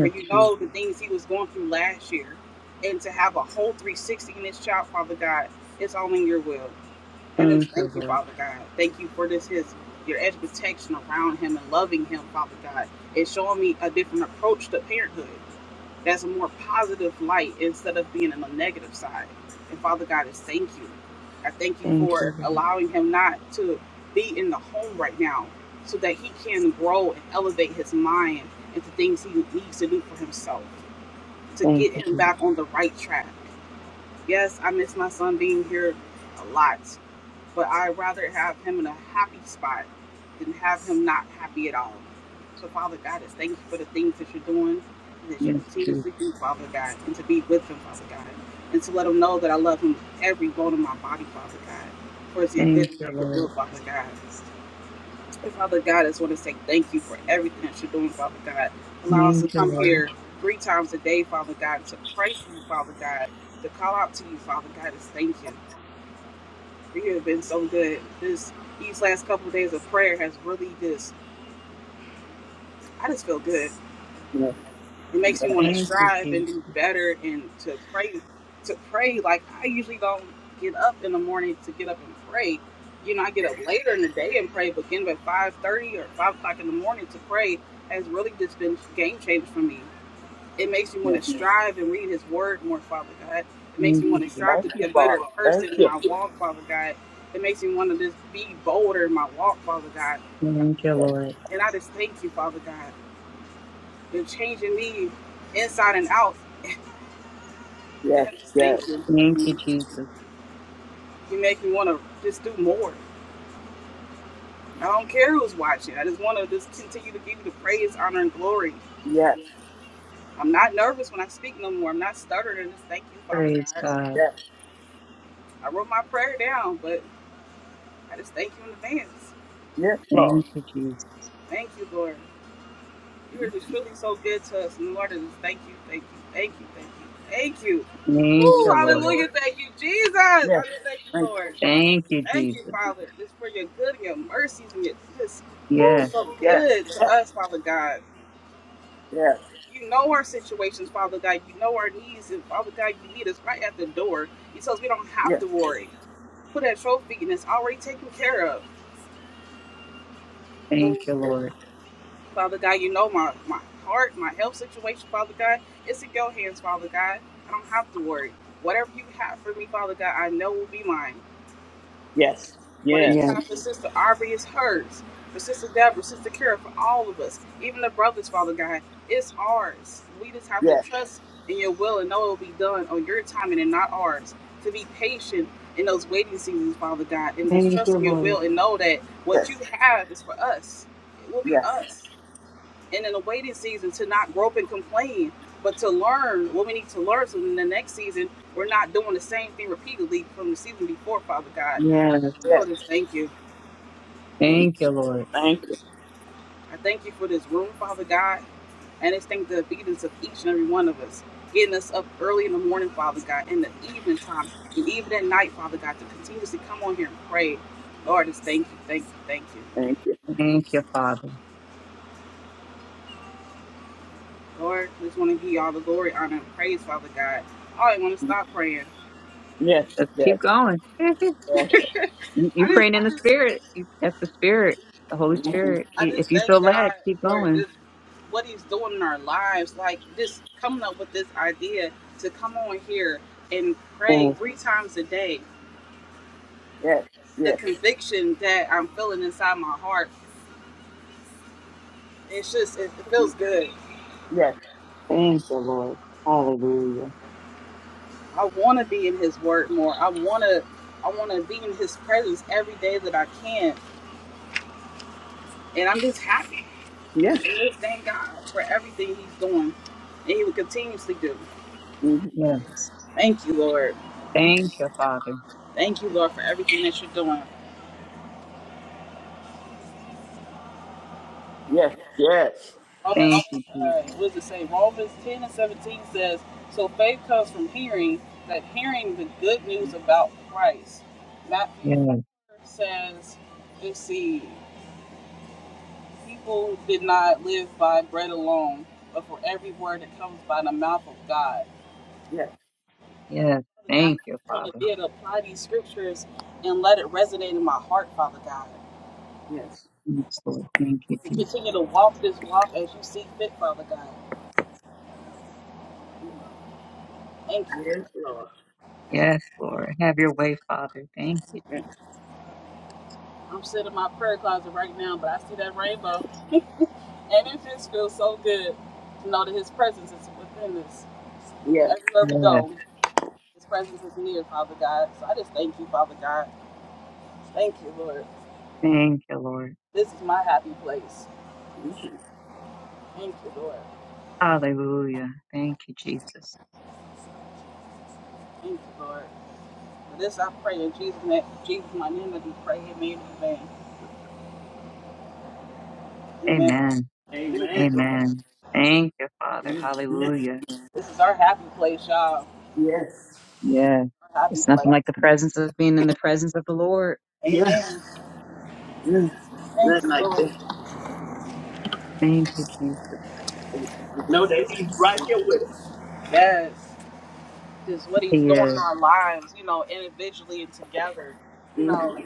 Speaker 1: For you
Speaker 2: Jesus.
Speaker 1: know the things he was going through last year. And to have a whole 360 in this child, Father God, it's all in your will. And it's
Speaker 2: Thank you,
Speaker 1: thank you,
Speaker 2: Lord.
Speaker 1: Father God. Thank you for this his your edge of protection around him and loving him, Father God. It's showing me a different approach to parenthood. That's a more positive light instead of being on the negative side. And Father God is thank you. I thank you
Speaker 2: Thank you,
Speaker 1: for
Speaker 2: Lord.
Speaker 1: allowing him not to be in the home right now so that he can grow and elevate his mind into things he needs to do for himself to
Speaker 2: Thank
Speaker 1: get
Speaker 2: you,
Speaker 1: him
Speaker 2: Jesus.
Speaker 1: back on the right track. Yes, I miss my son being here a lot. But I'd rather have him in a happy spot than have him not happy at all. So, Father God, just thank you for the things that you're doing and that you
Speaker 2: Yes,
Speaker 1: continue
Speaker 2: Jesus.
Speaker 1: to do, Father God, and to be with him, Father God, and to let him know that I love him with every bone in my body, Father God, for it's your good
Speaker 2: Thank
Speaker 1: and
Speaker 2: you,
Speaker 1: perfect
Speaker 2: Lord.
Speaker 1: will, Father God. And Father God, I just want to say thank you for everything that you're doing, Father God. Allow us
Speaker 2: Thank
Speaker 1: to
Speaker 2: you,
Speaker 1: come
Speaker 2: Lord.
Speaker 1: here three times a day, Father God, to pray for you, Father God, to call out to you, Father God, just thank you. You have been so good. This these last couple of days of prayer has really just I just feel good. It makes me want to
Speaker 2: Thank you,
Speaker 1: strive
Speaker 2: Jesus.
Speaker 1: and do better and to pray to pray. Like I usually don't get up in the morning to get up and pray. You know, I get up later in the day and pray, but getting up at five thirty or five o'clock in the morning to pray has really just been game changer for me. it makes me want
Speaker 3: yes.
Speaker 1: to strive and read his word more, Father God. It makes
Speaker 2: Thank
Speaker 1: me
Speaker 2: you,
Speaker 1: want to
Speaker 2: Jesus.
Speaker 1: strive to
Speaker 3: Thank
Speaker 1: be
Speaker 3: you,
Speaker 1: a better
Speaker 3: Father. Thank
Speaker 1: person in
Speaker 3: you.
Speaker 1: my walk, Father God. It makes me want to just be bolder in my walk, Father God.
Speaker 2: Thank you,
Speaker 3: Yes,
Speaker 2: Lord.
Speaker 1: And I just thank you, Father God. You're changing me inside and out.
Speaker 3: yes,
Speaker 1: I just
Speaker 3: yes,
Speaker 1: thank you.
Speaker 2: Thank you,
Speaker 1: You
Speaker 2: Jesus.
Speaker 1: make me want to just do more. I don't care who's watching. I just want to just continue to give you the praise, honor, and glory.
Speaker 3: yes,
Speaker 1: I'm not nervous when I speak no more. I'm not stuttered. I just thank you, Father
Speaker 2: Praise
Speaker 1: God.
Speaker 2: God.
Speaker 3: yes,
Speaker 1: I wrote my prayer down, but I just thank you in advance.
Speaker 3: Yes, Lord.
Speaker 2: Thank you, Jesus.
Speaker 1: Thank you, Lord. You are just really so good to us. Lord, I thank you, thank you, thank you, thank you, thank you. Woo,
Speaker 2: Thank you, Lord.
Speaker 1: hallelujah. Thank you, Jesus. I
Speaker 3: Yes.
Speaker 1: just thank you,
Speaker 3: Thank you.
Speaker 1: Lord.
Speaker 2: Thank you,
Speaker 1: Thank you,
Speaker 2: Jesus.
Speaker 1: Father, just for your good and your mercies and your just
Speaker 2: Yes.
Speaker 1: so
Speaker 3: Yes.
Speaker 1: good to us, Father God.
Speaker 3: Yes.
Speaker 1: You know our situations, Father God. You know our needs, and Father God, you meet us right at the door. You tell us we don't have
Speaker 3: Yes.
Speaker 1: to worry. Put at your feet, and it's already taken care of.
Speaker 2: Thank you, Lord.
Speaker 1: Father God, you know my, my heart, my health situation, Father God. It's in your hands, Father God. I don't have to worry. Whatever you have for me, Father God, I know will be mine.
Speaker 3: Yes. Yes.
Speaker 1: Whatever you
Speaker 3: Yes.
Speaker 2: Yes.
Speaker 1: have for Sister Aubrey is hers. For Sister Deborah, Sister Kara, for all of us, even the brothers, Father God, it's ours. We just
Speaker 3: Yes.
Speaker 1: have to trust in your will and know it will be done on your timing and not ours. To be patient in those waiting seasons, Father God, and just
Speaker 2: Thank
Speaker 1: trust
Speaker 2: you,
Speaker 1: in your
Speaker 2: Lord.
Speaker 1: will and know that what you have is for us. It will be
Speaker 3: Yes.
Speaker 1: us and in a waiting season to not grope and complain, but to learn what we need to learn so in the next season we're not doing the same thing repeatedly from the season before, Father God.
Speaker 2: Yes.
Speaker 3: Yes.
Speaker 1: Lord,
Speaker 3: Yes.
Speaker 1: just thank you.
Speaker 3: Mm.
Speaker 2: Thank you, Lord.
Speaker 3: Thank you.
Speaker 1: I thank you for this room, Father God, and I thank the obedience of each and every one of us. Getting us up early in the morning, Father God, in the evening time, and even at night, Father God, to continuously come on here and pray. Lord, just thank you, thank you, thank you.
Speaker 3: Thank you.
Speaker 2: Thank you, Father.
Speaker 1: Lord, we just want to give you all the glory, honor, and praise, Father God. I don't want to
Speaker 3: Mm.
Speaker 1: stop praying.
Speaker 3: Yes.
Speaker 2: Let's
Speaker 3: Yes.
Speaker 2: keep going. [laughs] you,
Speaker 3: Yes.
Speaker 2: you
Speaker 1: I didn't
Speaker 2: praying in the spirit. You, that's the spirit, the Holy
Speaker 3: Mm-hmm.
Speaker 2: Spirit.
Speaker 1: I
Speaker 2: Keep- If
Speaker 1: just
Speaker 2: you
Speaker 1: thank
Speaker 2: feel led,
Speaker 1: God
Speaker 2: keep
Speaker 1: for
Speaker 2: going.
Speaker 1: this, what He's doing in our lives. Like this, coming up with this idea to come on here and pray
Speaker 2: Yes,
Speaker 1: three times a day.
Speaker 3: Yes.
Speaker 1: The
Speaker 3: Yes.
Speaker 1: conviction that I'm feeling inside my heart, it's just it, it feels good.
Speaker 3: Yes.
Speaker 2: thank you, Lord. Hallelujah.
Speaker 1: I want to be in His Word more. I want to, I want to be in His presence every day that I can, and I'm just happy. And
Speaker 3: Yes.
Speaker 1: just thank God for everything He's doing, and He will continuously do.
Speaker 3: Mm-hmm.
Speaker 2: Yes.
Speaker 1: Thank you, Lord.
Speaker 2: Thank you, Father.
Speaker 1: Thank you, Lord, for everything that you're doing.
Speaker 3: Yes. Yes. Yes.
Speaker 1: Romans,
Speaker 2: Thank you, Jesus.
Speaker 1: uh, what does it say? Romans 10 and 17 says, So faith comes from hearing, that hearing the good news about Christ. Matthew
Speaker 2: Yes.
Speaker 1: says, Let's see, people did not live by bread alone, but for every word that comes by the mouth of God.
Speaker 3: Yes.
Speaker 2: Yes.
Speaker 1: Father God,
Speaker 2: Thank you,
Speaker 1: I'm going to
Speaker 2: Father.
Speaker 1: be able to apply these scriptures and let it resonate in my heart, Father God.
Speaker 3: Yes,
Speaker 2: Yes, Lord. Thank you,
Speaker 1: And
Speaker 2: Jesus.
Speaker 1: continue to walk this walk as you see fit, Father God. Thank you.
Speaker 3: Yes, Lord.
Speaker 2: Yes, Lord. Have your way, Father. Thank you.
Speaker 3: Eh,
Speaker 2: Jesus.
Speaker 1: I'm sitting in my prayer closet right now, but I see that rainbow. And it just feels so good to know that His presence is within us.
Speaker 3: Yes.
Speaker 1: Everywhere we
Speaker 2: Yes.
Speaker 1: go, His presence is near, Father God. So I just thank you, Father God. Thank you, Lord.
Speaker 2: Thank you, Lord.
Speaker 1: This is my happy place. Thank you, Lord.
Speaker 2: Hallelujah. Thank you, Jesus.
Speaker 1: Thank you, Lord. For this I pray in Jesus' name. Jesus, my name, I do pray. Amen. Amen. Amen.
Speaker 2: Amen.
Speaker 1: Thank you,
Speaker 3: Amen.
Speaker 1: Lord.
Speaker 2: Amen. Thank you, Father.
Speaker 3: Mm. Yes.
Speaker 2: Hallelujah.
Speaker 1: This is our happy place, y'all.
Speaker 3: Yes.
Speaker 2: Yeah.
Speaker 1: Our happy
Speaker 2: It's nothing
Speaker 1: place.
Speaker 2: like the presence of being in the presence of the Lord.
Speaker 3: Yes.
Speaker 1: Amen.
Speaker 3: Mm.
Speaker 1: Thank
Speaker 3: Nothing
Speaker 1: you,
Speaker 3: like
Speaker 1: Lord.
Speaker 3: that.
Speaker 2: Thank you, Jesus.
Speaker 3: No, they be right here with us.
Speaker 1: Yes. Just what he's
Speaker 2: He
Speaker 1: doing in
Speaker 2: is.
Speaker 1: our lives, you know, individually and together. You
Speaker 3: Mm-hmm.
Speaker 1: know,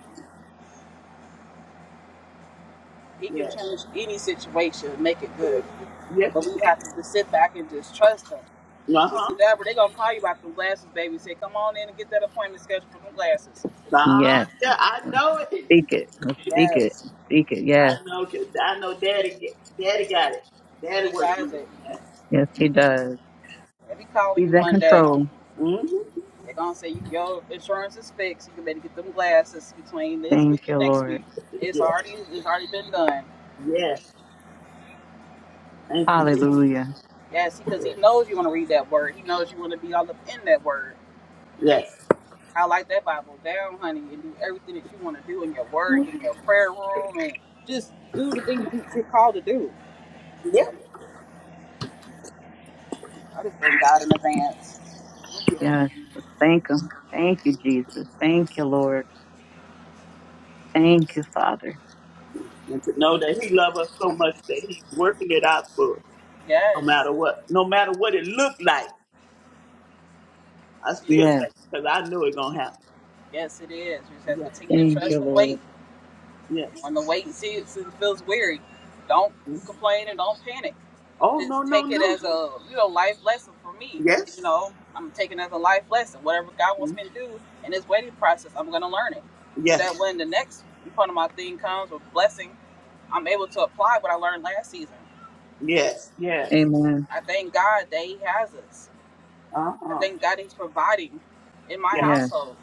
Speaker 1: He can
Speaker 3: Yes.
Speaker 1: change any situation and make it good.
Speaker 3: Yes,
Speaker 1: But
Speaker 3: you
Speaker 1: we
Speaker 3: can.
Speaker 1: have to just sit back and just trust him.
Speaker 3: Uh huh.
Speaker 1: Sister Deborah, they're going to call you about them glasses, baby. Say, come on in and get that appointment scheduled for them glasses.
Speaker 3: Nah,
Speaker 2: Yes.
Speaker 3: yeah, I
Speaker 2: Let's
Speaker 3: know it.
Speaker 2: Speak it. Let's speak it.
Speaker 1: Yes,
Speaker 2: Speak it. Yes.
Speaker 3: I know, cause I know Daddy. Get, Daddy got it. Daddy
Speaker 1: he
Speaker 3: working
Speaker 1: has
Speaker 3: with it.
Speaker 1: it.
Speaker 3: Yes.
Speaker 2: Yes, he does.
Speaker 1: If he calling
Speaker 2: He's
Speaker 1: you
Speaker 2: in
Speaker 1: Monday,
Speaker 2: control.
Speaker 3: Mm-hmm.
Speaker 1: they're going to say, your insurance is fixed. You can better get them glasses between this
Speaker 2: Thank
Speaker 1: week and
Speaker 2: you,
Speaker 1: next
Speaker 2: Lord.
Speaker 1: week. It's
Speaker 3: Yes.
Speaker 1: already, it's already been done.
Speaker 3: Yes. Thank you.
Speaker 1: he-
Speaker 2: Hallelujah.
Speaker 1: yes, because he
Speaker 3: Jesus.
Speaker 1: knows you want to read that word. He knows you want to be all up in that word.
Speaker 3: Yes.
Speaker 1: I like that Bible down, honey, and do everything that you want to do in your word, in your prayer room, and just do the things you, you're called to do.
Speaker 3: Yep.
Speaker 1: I just thank God in advance.
Speaker 3: Oh, yes.
Speaker 2: Yes. Let's thank him. Thank you, Jesus. Thank you, Lord. Thank you, Father.
Speaker 3: And to know that He loves us so much that He's working it out for us, no
Speaker 1: Yes,
Speaker 3: matter what, no matter what it looked like. I still
Speaker 2: Yes.
Speaker 1: yes,
Speaker 3: think, cause I knew it gonna happen.
Speaker 1: yes, it is. You just have to
Speaker 3: Yes.
Speaker 1: continue to
Speaker 2: Thank you,
Speaker 1: trust and
Speaker 2: Lord.
Speaker 1: wait.
Speaker 3: Yes.
Speaker 1: When the wait and see it feels weary, don't
Speaker 3: Mhm.
Speaker 1: complain and don't panic.
Speaker 3: Oh no
Speaker 1: Just
Speaker 3: no
Speaker 1: take it
Speaker 3: no.
Speaker 1: as a you know life lesson for me. You
Speaker 3: Yes.
Speaker 1: know, I'm taking it as a life lesson. Whatever God wants
Speaker 3: Mhm.
Speaker 1: me to do in this waiting process, I'm going to learn it. So
Speaker 3: Yes.
Speaker 1: that when the next part of my thing comes with blessing. I'm able to apply what I learned last season.
Speaker 3: Yes. Yes.
Speaker 2: Amen.
Speaker 1: I thank God that He has us.
Speaker 3: Uh
Speaker 1: I
Speaker 3: huh.
Speaker 1: thank God He's providing in my
Speaker 3: Yes.
Speaker 2: Yes.
Speaker 1: household.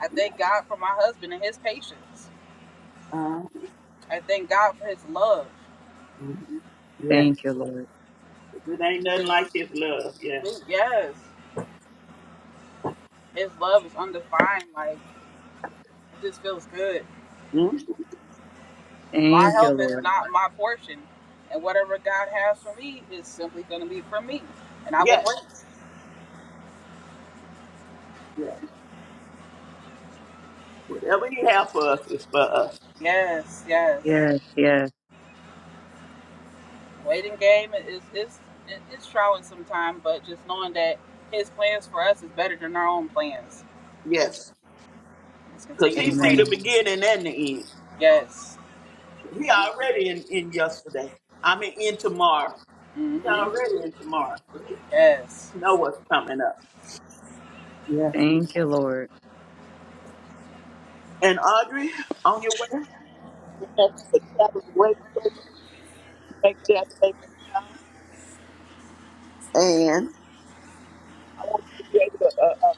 Speaker 1: I thank God for my husband and his patience.
Speaker 3: Uh,
Speaker 1: I thank God for His love.
Speaker 3: hmm Yes.
Speaker 2: Thank you, Lord.
Speaker 3: It ain't nothing like
Speaker 1: His
Speaker 3: his love. Yeah.
Speaker 1: yes, His love is undefined. Like it just feels good.
Speaker 3: hmm
Speaker 1: My
Speaker 2: Thank you,
Speaker 1: help is
Speaker 2: Lord.
Speaker 1: not my portion, and whatever God has for me is simply going to be for me, and I will
Speaker 3: Yes.
Speaker 1: wait.
Speaker 3: Yes. Whatever he have for us is for us.
Speaker 1: Yes, yes.
Speaker 2: Yes. Yes.
Speaker 1: waiting game is it's it's trying sometimes, but just knowing that his plans for us is better than our own plans.
Speaker 3: Yes.
Speaker 1: Let's
Speaker 3: Because
Speaker 1: continue
Speaker 3: he
Speaker 1: to
Speaker 3: see the
Speaker 1: wait.
Speaker 2: Amen.
Speaker 3: beginning and the end.
Speaker 1: Yes.
Speaker 3: He already in, in yesterday. I mean in tomorrow. He
Speaker 1: Mm-hmm.
Speaker 3: already in tomorrow. So he
Speaker 1: Yes.
Speaker 3: know what's coming up. Yes.
Speaker 2: Thank you, Lord.
Speaker 3: And Audrey, on your way home, and thank you for traveling great for you to make that safe and sound. And I want you to be able to uh, uh,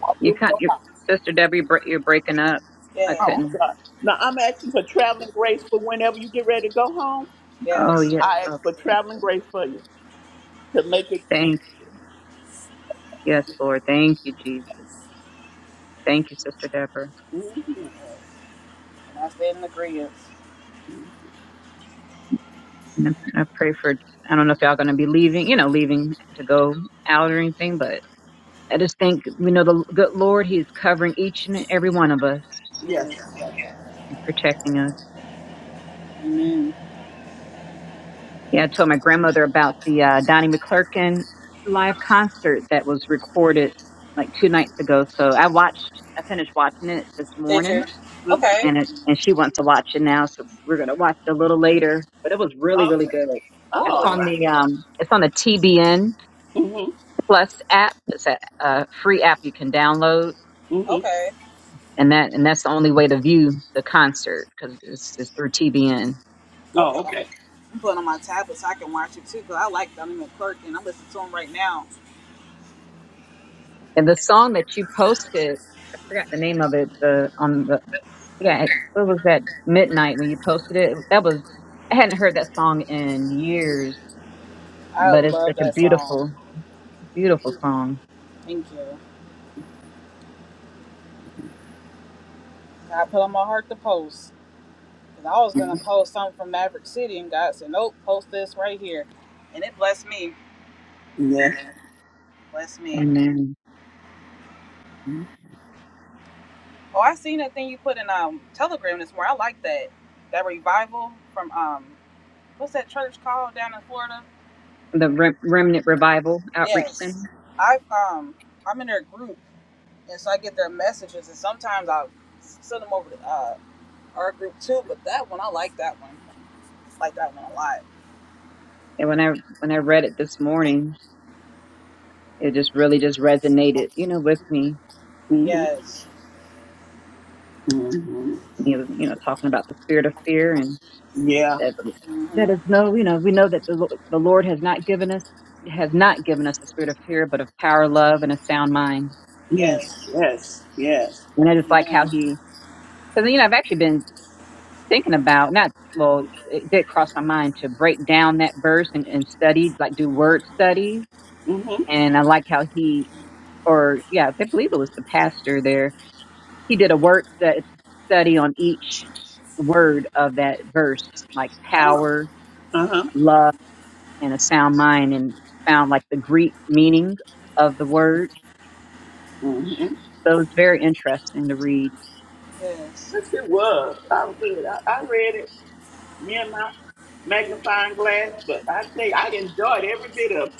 Speaker 3: walk
Speaker 2: You
Speaker 3: in
Speaker 2: can't,
Speaker 3: your
Speaker 2: your
Speaker 3: house.
Speaker 2: sister Debbie, bre- you're breaking up. I
Speaker 1: Yeah.
Speaker 3: Oh, I'm
Speaker 2: couldn't.
Speaker 3: sorry. Now I'm asking for traveling grace for whenever you get ready to go home.
Speaker 2: Oh,
Speaker 1: Yes.
Speaker 2: yeah.
Speaker 3: I
Speaker 2: Okay.
Speaker 3: ask for traveling grace for you to make it.
Speaker 2: Thank you. Yes, Lord. Thank you, Jesus. Thank you, Sister Deborah.
Speaker 3: hmm
Speaker 1: And I stay in agreement.
Speaker 2: And I I pray for, I don't know if y'all going to be leaving, you know, leaving to go out or anything, but I just think, you know, the good Lord, He's covering each and every one of us
Speaker 3: Yes.
Speaker 1: Yes.
Speaker 3: Yes.
Speaker 2: and protecting us.
Speaker 1: Amen.
Speaker 2: Yeah, I told my grandmother about the uh, Donnie McClurkin live concert that was recorded like two nights ago. So I watched, I finished watching it this morning
Speaker 1: Teacher.
Speaker 3: Uh-huh.
Speaker 1: Okay.
Speaker 2: and it, and she wants to watch it now, so we're gonna watch it a little later. But it was really
Speaker 3: Oh,
Speaker 2: really
Speaker 3: okay.
Speaker 2: good.
Speaker 3: oh,
Speaker 2: It's
Speaker 3: all
Speaker 1: Ooh.
Speaker 2: on
Speaker 3: right.
Speaker 2: the um, it's on the TBN
Speaker 3: Mm-hmm.
Speaker 2: Plus app. It's a, a free app you can download,
Speaker 3: Mm-hmm.
Speaker 1: Okay.
Speaker 2: and that and that's the only way to view the concert because it's, it's through TBN.
Speaker 1: Okay.
Speaker 3: Oh, okay.
Speaker 1: I'm putting on my tablet so I can watch it too, cause I like Donnie McClurkin. and I'm listening to him right now.
Speaker 2: And the song that you posted, I forgot the name of it. The on the yeah, it, what was that midnight when you posted it? That was I hadn't heard that song in years,
Speaker 1: I
Speaker 2: but it's
Speaker 1: love
Speaker 2: such a
Speaker 1: that song.
Speaker 2: beautiful Beautiful song.
Speaker 1: Thank you. I put on my heart to post. 'Cause I was
Speaker 3: hmm
Speaker 1: gonna post something from Maverick City, and God said, "Nope, post this right here," and it blessed me.
Speaker 3: Yes.
Speaker 1: Yeah. Bless me.
Speaker 2: And then
Speaker 1: Oh, I seen that thing you put in um Telegram this morning. I like that. That revival from um what's that church called down in Florida?
Speaker 2: the Rem- Remnant Revival Outreach Center.
Speaker 1: Yes. I um I'm in their group and so I get their messages and sometimes I send them over to uh, our group too, but that one I like that one. like that one a lot.
Speaker 2: And when I when I read it this morning, it just really just resonated, you know, with me.
Speaker 3: Mm-hmm.
Speaker 1: Yes.
Speaker 3: Mm-hmm.
Speaker 2: You know, you know, talking about the spirit of fear
Speaker 3: Yeah.
Speaker 2: that that
Speaker 1: Mhm.
Speaker 2: is no, you know, we know that the, Lo- the Lord has not given us has not given us a spirit of fear, but of power, love, and a sound mind.
Speaker 3: Yes.
Speaker 1: Yes.
Speaker 3: Yes. Yes.
Speaker 2: And I just like how
Speaker 1: Amen.
Speaker 2: he, because you know, I've actually been thinking about not well, it did cross my mind to break down that verse and, and study, like do word studies.
Speaker 3: Mm-hmm.
Speaker 2: And I like how he, or yeah, I believe it was the pastor there. He did a word stu- study on each word of that verse, like
Speaker 3: Oh.
Speaker 2: power,
Speaker 3: Uh-huh.
Speaker 2: love. and a sound mind and found like the Greek meaning of the word.
Speaker 3: Mm-hmm.
Speaker 2: So it was very interesting to read.
Speaker 1: Yes.
Speaker 3: Yes, it was. I did. I, I read it. Me and my magnifying glass, but I tell you, I enjoyed every bit of it.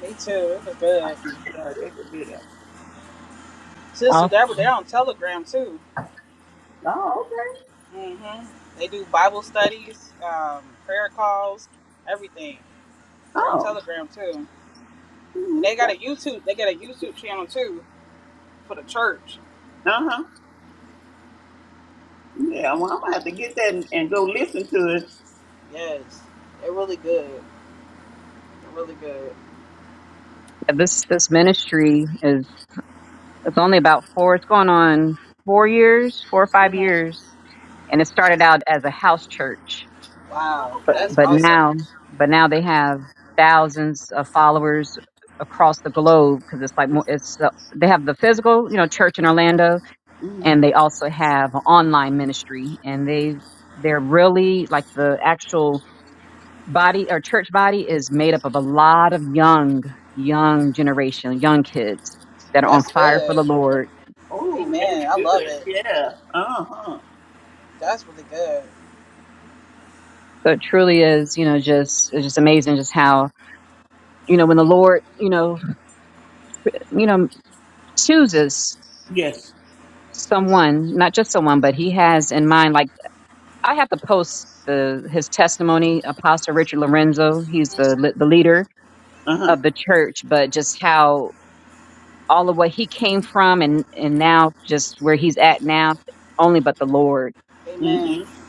Speaker 1: They too. It was
Speaker 3: I
Speaker 1: good.
Speaker 3: enjoyed every bit of it.
Speaker 1: Sister
Speaker 2: Also,
Speaker 1: Deborah, they're on Telegram too.
Speaker 3: Oh, okay.
Speaker 1: hmm They do Bible studies, um, prayer calls, everything. They're on
Speaker 3: Oh.
Speaker 1: Telegram too.
Speaker 3: mhm,
Speaker 1: And they got a
Speaker 3: okay.
Speaker 1: YouTube, they got a YouTube channel too for the church.
Speaker 3: Uh-huh. Yeah, well, I'm going to have to get that and, and go listen to it.
Speaker 1: Yes. They're really good. They're really good.
Speaker 2: this this ministry is it's only about four. It's going on four years, four or five
Speaker 1: hmm
Speaker 2: years, and it started out as a house church,
Speaker 1: Wow.
Speaker 3: Okay.
Speaker 1: That's
Speaker 2: but
Speaker 1: awesome.
Speaker 2: now but now they have thousands of followers across the globe because it's like more, it's uh, they have the physical you know church in Orlando
Speaker 3: Mhm.
Speaker 2: and they also have an online ministry and they they're really like the actual body or church body is made up of a lot of young, young generation, young kids that are on
Speaker 3: Oh,
Speaker 1: That's
Speaker 2: fire for
Speaker 1: good.
Speaker 2: the Lord.
Speaker 3: oh, that's
Speaker 1: Amen. I
Speaker 3: good.
Speaker 1: love it.
Speaker 3: Yeah. Uh-huh.
Speaker 1: That's really good.
Speaker 2: So it truly is, you know, just it's just amazing just how, you know, when the Lord, you know, you know, chooses
Speaker 3: Yes.
Speaker 2: someone, not just someone, but he has in mind like I have to post the his testimony, Apostle Richard Lorenzo, he's the the leader
Speaker 3: Uh-huh.
Speaker 2: of the church, but just how all of what he came from and and now just where he's at now only but the Lord
Speaker 1: Amen.
Speaker 3: Mm-hmm.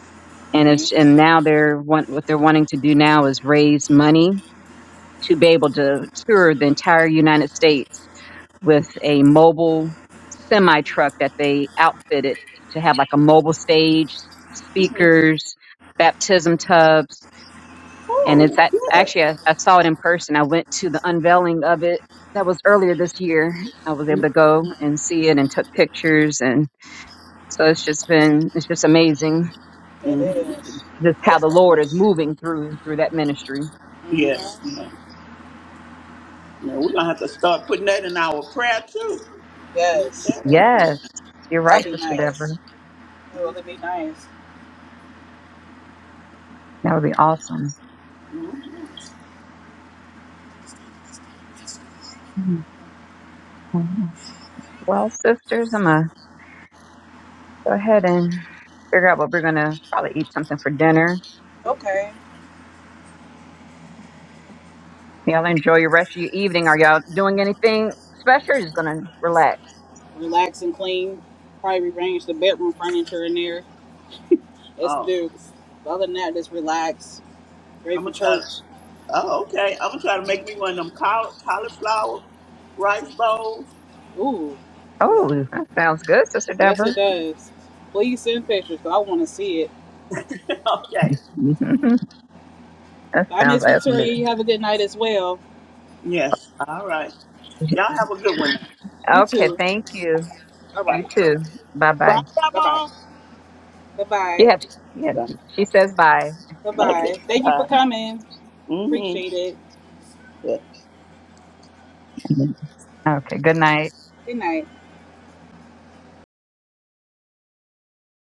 Speaker 2: and it's and now they're want, what they're wanting to do now is raise money to be able to tour the entire United States with a mobile semi truck that they outfitted to have like a mobile stage,
Speaker 3: Mm-hmm.
Speaker 2: speakers, baptism tubs, and it's
Speaker 3: Oh,
Speaker 2: at,
Speaker 3: good.
Speaker 2: actually I, I saw it in person. I went to the unveiling of it that was earlier this year. I was able to go and see it and took pictures and so it's just been it's just amazing
Speaker 1: It
Speaker 3: Mm-hmm.
Speaker 1: is.
Speaker 2: just how
Speaker 1: That's
Speaker 2: the Lord is
Speaker 1: nice.
Speaker 2: moving through through that ministry.
Speaker 1: hmm
Speaker 3: Yes. Yeah. yeah, we're going to have to start putting that in our prayer, too. Lift
Speaker 1: Yes.
Speaker 3: that up. Yeah.
Speaker 2: Yes, you're right,
Speaker 1: That'll be
Speaker 2: Sister Deborah.
Speaker 1: nice. It'll really be nice.
Speaker 2: That would be awesome.
Speaker 3: Mm-hmm.
Speaker 2: Mhm. Well, sisters, I'm gonna go ahead and figure out what we're gonna probably eat something for dinner.
Speaker 1: Okay.
Speaker 2: Y'all enjoy your rest of your evening. Are y'all doing anything special? Or just gonna relax.
Speaker 1: relax and clean. Probably rearrange the bedroom furniture in there. That's
Speaker 3: Oh,
Speaker 1: due. But other than that, just relax. Ready
Speaker 3: I'm
Speaker 1: for
Speaker 3: going to try.
Speaker 1: church.
Speaker 3: Oh, okay. I'm gonna try to make me one of them caul- cauliflower rice bowls.
Speaker 1: Ooh,
Speaker 3: Yeah.
Speaker 2: Oh, that sounds good, Sister
Speaker 1: yes
Speaker 2: Deborah.
Speaker 1: it does. Please send pictures, 'cause I want to see it.
Speaker 3: [laughs] okay.
Speaker 2: [laughs] that
Speaker 1: Bye,
Speaker 2: sounds
Speaker 1: Miss
Speaker 2: awesome.
Speaker 1: Victoria. You have a good night as well.
Speaker 3: Yes. All right. Y'all have a good one.
Speaker 2: [laughs]
Speaker 1: You
Speaker 2: Okay,
Speaker 1: too.
Speaker 2: thank you.
Speaker 1: All
Speaker 2: You
Speaker 1: right.
Speaker 2: too. Bye
Speaker 3: Bye,
Speaker 2: bye.
Speaker 1: Bye bye.
Speaker 3: Grandma.
Speaker 1: Bye bye.
Speaker 2: Yeah, yeah.
Speaker 3: Yeah.
Speaker 2: She says bye.
Speaker 1: Bye
Speaker 3: Okay.
Speaker 1: bye. Thank you for
Speaker 3: Bye.
Speaker 1: coming.
Speaker 3: Mm-hmm.
Speaker 1: Appreciate it.
Speaker 3: Yeah.
Speaker 2: [laughs] Okay. Good night.
Speaker 1: Good night.